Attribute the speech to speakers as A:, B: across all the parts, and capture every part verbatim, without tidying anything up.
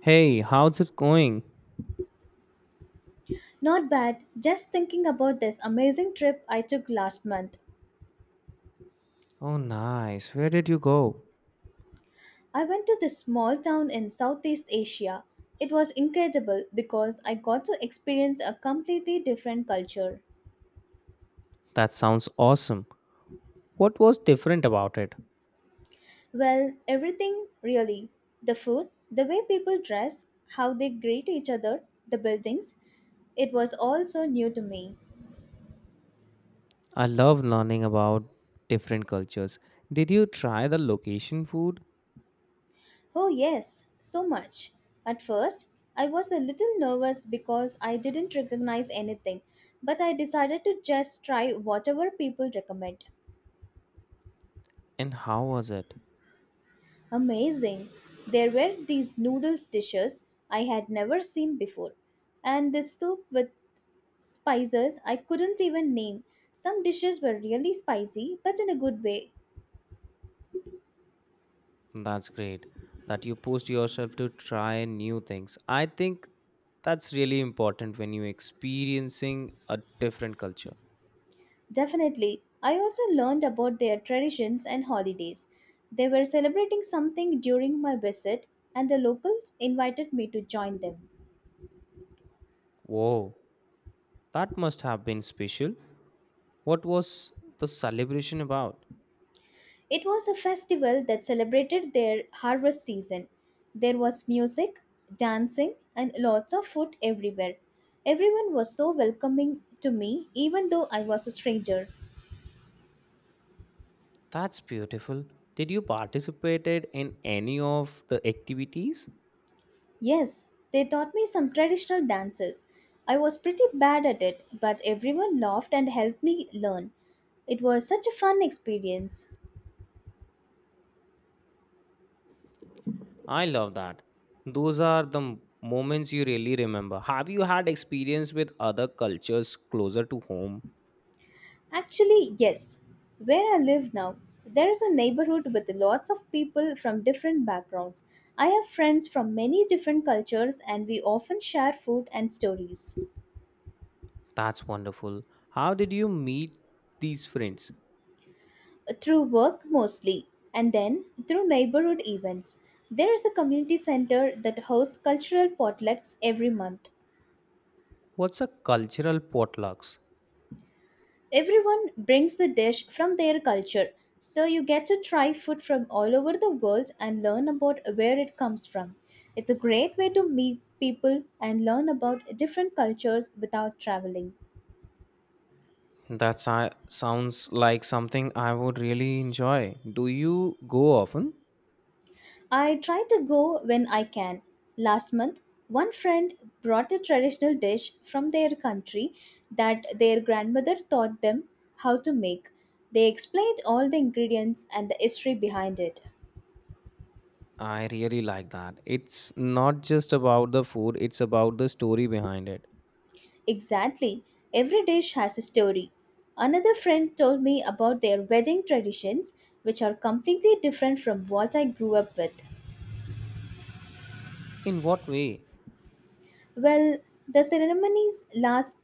A: Hey, how's it going?
B: Not bad. Just thinking about this amazing trip I took last month.
A: Oh, nice. Where did you go?
B: I went to this small town in Southeast Asia. It was incredible because I got to experience a completely different culture.
A: That sounds awesome. What was different about it?
B: Well, everything really. The food, the way people dress, how they greet each other, the buildings. It was all so new to me.
A: I love learning about different cultures. Did you try the location food?
B: Oh, yes, so much. At first, I was a little nervous because I didn't recognize anything, but I decided to just try whatever people recommend.
A: And how was it?
B: Amazing! There were these noodles dishes I had never seen before, and this soup with spices I couldn't even name. Some dishes were really spicy, but in a good way.
A: That's great that you pushed yourself to try new things. I think that's really important when you're experiencing a different culture.
B: Definitely. I also learned about their traditions and holidays. They were celebrating something during my visit, and the locals invited me to join them.
A: Whoa, that must have been special. What was the celebration about?
B: It was a festival that celebrated their harvest season. There was music, dancing, and lots of food everywhere. Everyone was so welcoming to me, even though I was a stranger.
A: That's beautiful. Did you participated in any of the activities?
B: Yes, they taught me some traditional dances. I was pretty bad at it, but everyone laughed and helped me learn. It was such a fun experience.
A: I love that. Those are the m- moments you really remember. Have you had experience with other cultures closer to home?
B: Actually, yes. Where I live now, there is a neighborhood with lots of people from different backgrounds. I have friends from many different cultures, and we often share food and stories.
A: That's wonderful. How did you meet these friends?
B: Through work mostly, and then through neighborhood events. There is a community center that hosts cultural potlucks every month.
A: What's a cultural potlucks?
B: Everyone brings a dish from their culture, so you get to try food from all over the world and learn about where it comes from. It's a great way to meet people and learn about different cultures without traveling.
A: That si- sounds like something I would really enjoy. Do you go often?
B: I try to go when I can. Last month, one friend brought a traditional dish from their country that their grandmother taught them how to make. They explained all the ingredients and the history behind it.
A: I really like that. It's not just about the food, it's about the story behind it.
B: Exactly. Every dish has a story. Another friend told me about their wedding traditions, which are completely different from what I grew up with.
A: In what way?
B: Well, the ceremonies last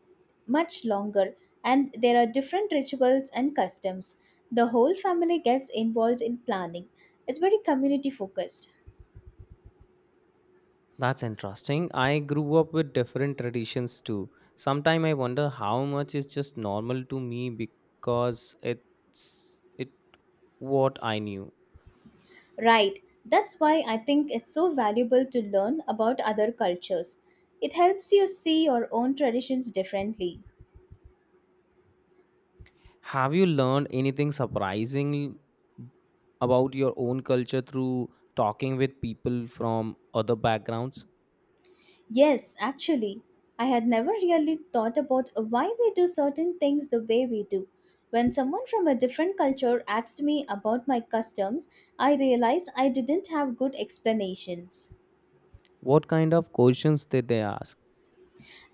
B: much longer, and there are different rituals and customs. The whole family gets involved in planning. It's very community focused.
A: That's interesting. I grew up with different traditions too. Sometimes I wonder how much is just normal to me because it's it what I knew.
B: Right. That's why I think it's so valuable to learn about other cultures. It helps you see your own traditions differently.
A: Have you learned anything surprising about your own culture through talking with people from other backgrounds?
B: Yes, actually, I had never really thought about why we do certain things the way we do. When someone from a different culture asked me about my customs, I realized I didn't have good explanations.
A: What kind of questions did they ask?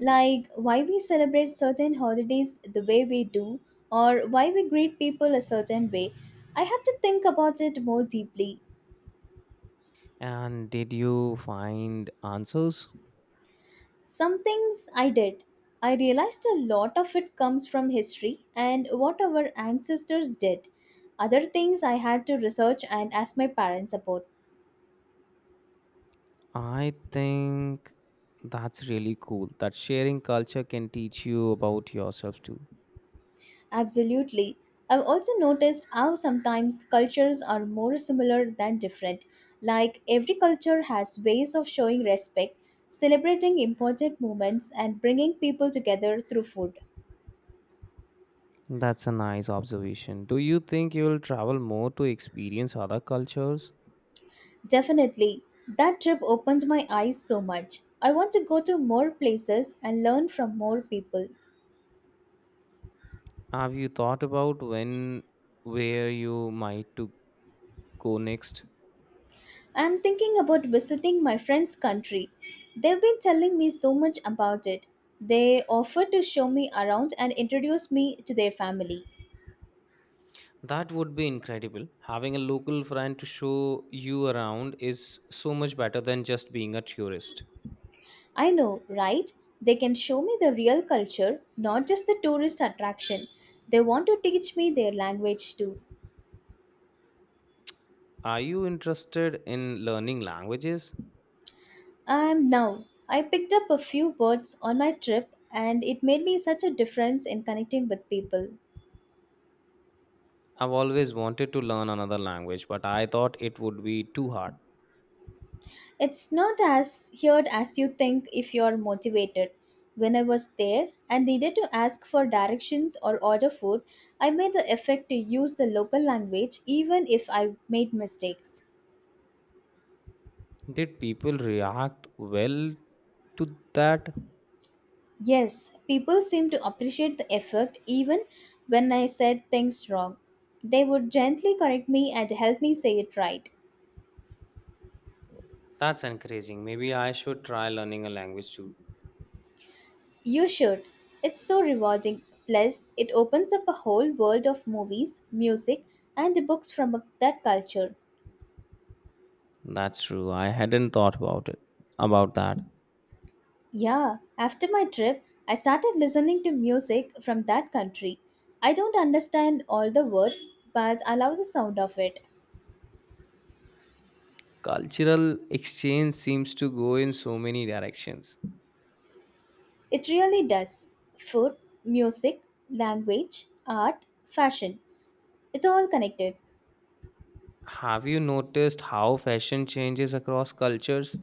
B: Like why we celebrate certain holidays the way we do, or why we greet people a certain way. I had to think about it more deeply.
A: And did you find answers?
B: Some things I did. I realized a lot of it comes from history and what our ancestors did. Other things I had to research and ask my parents about.
A: I think that's really cool that sharing culture can teach you about yourself too.
B: Absolutely. I've also noticed how sometimes cultures are more similar than different. Like every culture has ways of showing respect, celebrating important moments, and bringing people together through food.
A: That's a nice observation. Do you think you'll travel more to experience other cultures?
B: Definitely. That trip opened my eyes so much. I want to go to more places and learn from more people.
A: Have you thought about when where you might to go next?
B: I'm thinking about visiting my friend's country. They've been telling me so much about it. They offered to show me around and introduce me to their family.
A: That would be incredible. Having a local friend to show you around is so much better than just being a tourist.
B: I know, right? They can show me the real culture, not just the tourist attraction. They want to teach me their language too.
A: Are you interested in learning languages?
B: I am now. I picked up a few words on my trip and it made me such a difference in connecting with people.
A: I've always wanted to learn another language, but I thought it would be too hard.
B: It's not as hard as you think if you're motivated. When I was there and needed to ask for directions or order food, I made the effort to use the local language even if I made mistakes.
A: Did people react well to that?
B: Yes, people seem to appreciate the effort even when I said things wrong. They would gently correct me and help me say it right.
A: That's encouraging. Maybe I should try learning a language too.
B: You should. It's so rewarding. Plus, it opens up a whole world of movies, music, and books from that culture.
A: That's true. I hadn't thought about it. About that.
B: Yeah, after my trip, I started listening to music from that country. I don't understand all the words, but I love the sound of it.
A: Cultural exchange seems to go in so many directions.
B: It really does. Food, music, language, art, fashion. It's all connected.
A: Have you noticed how fashion changes across cultures?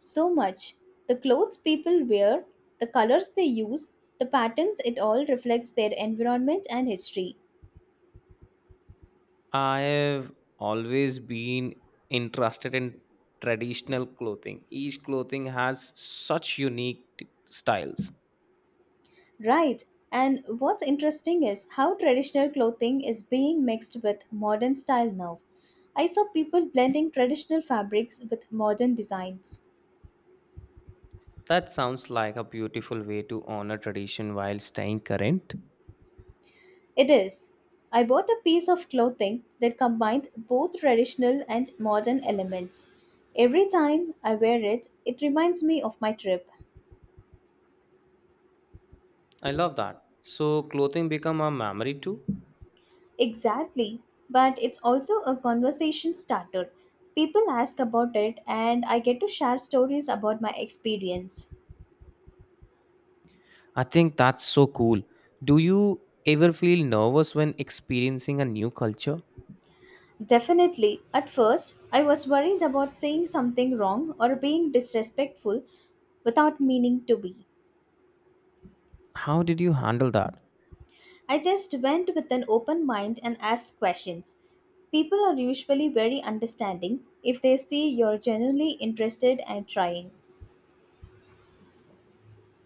B: So much. The clothes people wear, the colors they use, the patterns, it all reflects their environment and history.
A: I have always been interested in traditional clothing. Each clothing has such unique t- styles.
B: Right. And what's interesting is how traditional clothing is being mixed with modern style now. I saw people blending traditional fabrics with modern designs.
A: That sounds like a beautiful way to honor tradition while staying current.
B: It is. I bought a piece of clothing that combined both traditional and modern elements. Every time I wear it, it reminds me of my trip.
A: I love that. So clothing become a memory too.
B: Exactly, but it's also a conversation starter. People ask about it, and I get to share stories about my experience.
A: I think that's so cool. Do you ever feel nervous when experiencing a new culture?
B: Definitely, at first, I was worried about saying something wrong or being disrespectful without meaning to be.
A: How did you handle that?
B: I just went with an open mind and asked questions. People are usually very understanding if they see you're genuinely interested and trying.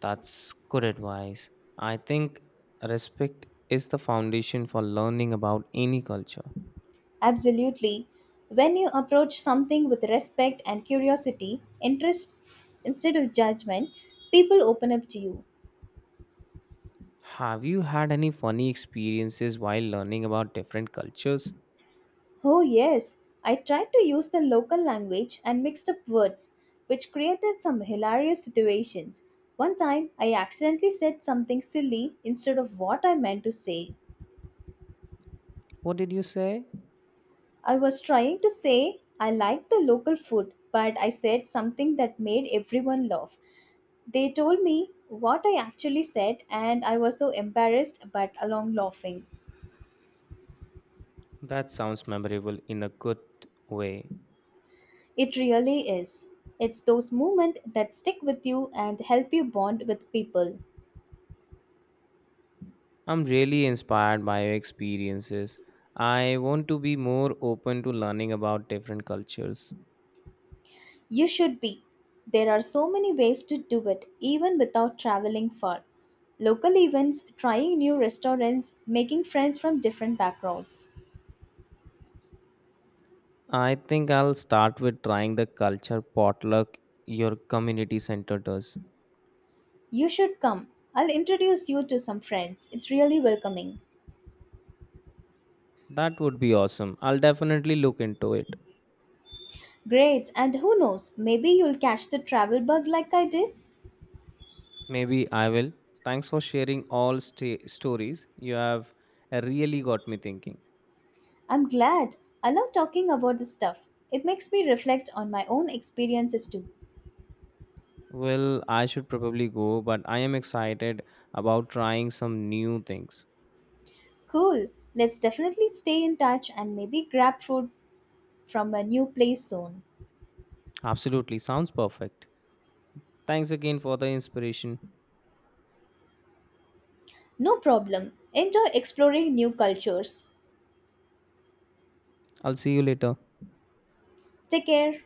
A: That's good advice. I think respect is the foundation for learning about any culture.
B: Absolutely. When you approach something with respect and curiosity, interest instead of judgment, people open up to you.
A: Have you had any funny experiences while learning about different cultures?
B: Oh, yes, I tried to use the local language and mixed up words, which created some hilarious situations. One time, I accidentally said something silly instead of what I meant to say.
A: What did you say?
B: I was trying to say I liked the local food, but I said something that made everyone laugh. They told me what I actually said, and I was so embarrassed but along laughing.
A: That sounds memorable in a good way.
B: It really is. It's those moments that stick with you and help you bond with people.
A: I'm really inspired by your experiences. I want to be more open to learning about different cultures.
B: You should be. There are so many ways to do it, even without traveling far. Local events, trying new restaurants, making friends from different backgrounds.
A: I think I'll start with trying the culture potluck your community center does.
B: You should come. I'll introduce you to some friends. It's really welcoming.
A: That would be awesome. I'll definitely look into it.
B: Great, and who knows, maybe you'll catch the travel bug like I did?
A: Maybe I will. Thanks for sharing all sta- stories. You have uh, really got me thinking.
B: I'm glad. I love talking about this stuff. It makes me reflect on my own experiences too.
A: Well, I should probably go, but I am excited about trying some new things.
B: Cool. Let's definitely stay in touch and maybe grab food from a new place soon.
A: Absolutely, sounds perfect. Thanks again for the inspiration.
B: No problem. Enjoy exploring new cultures.
A: I'll see you later.
B: Take care.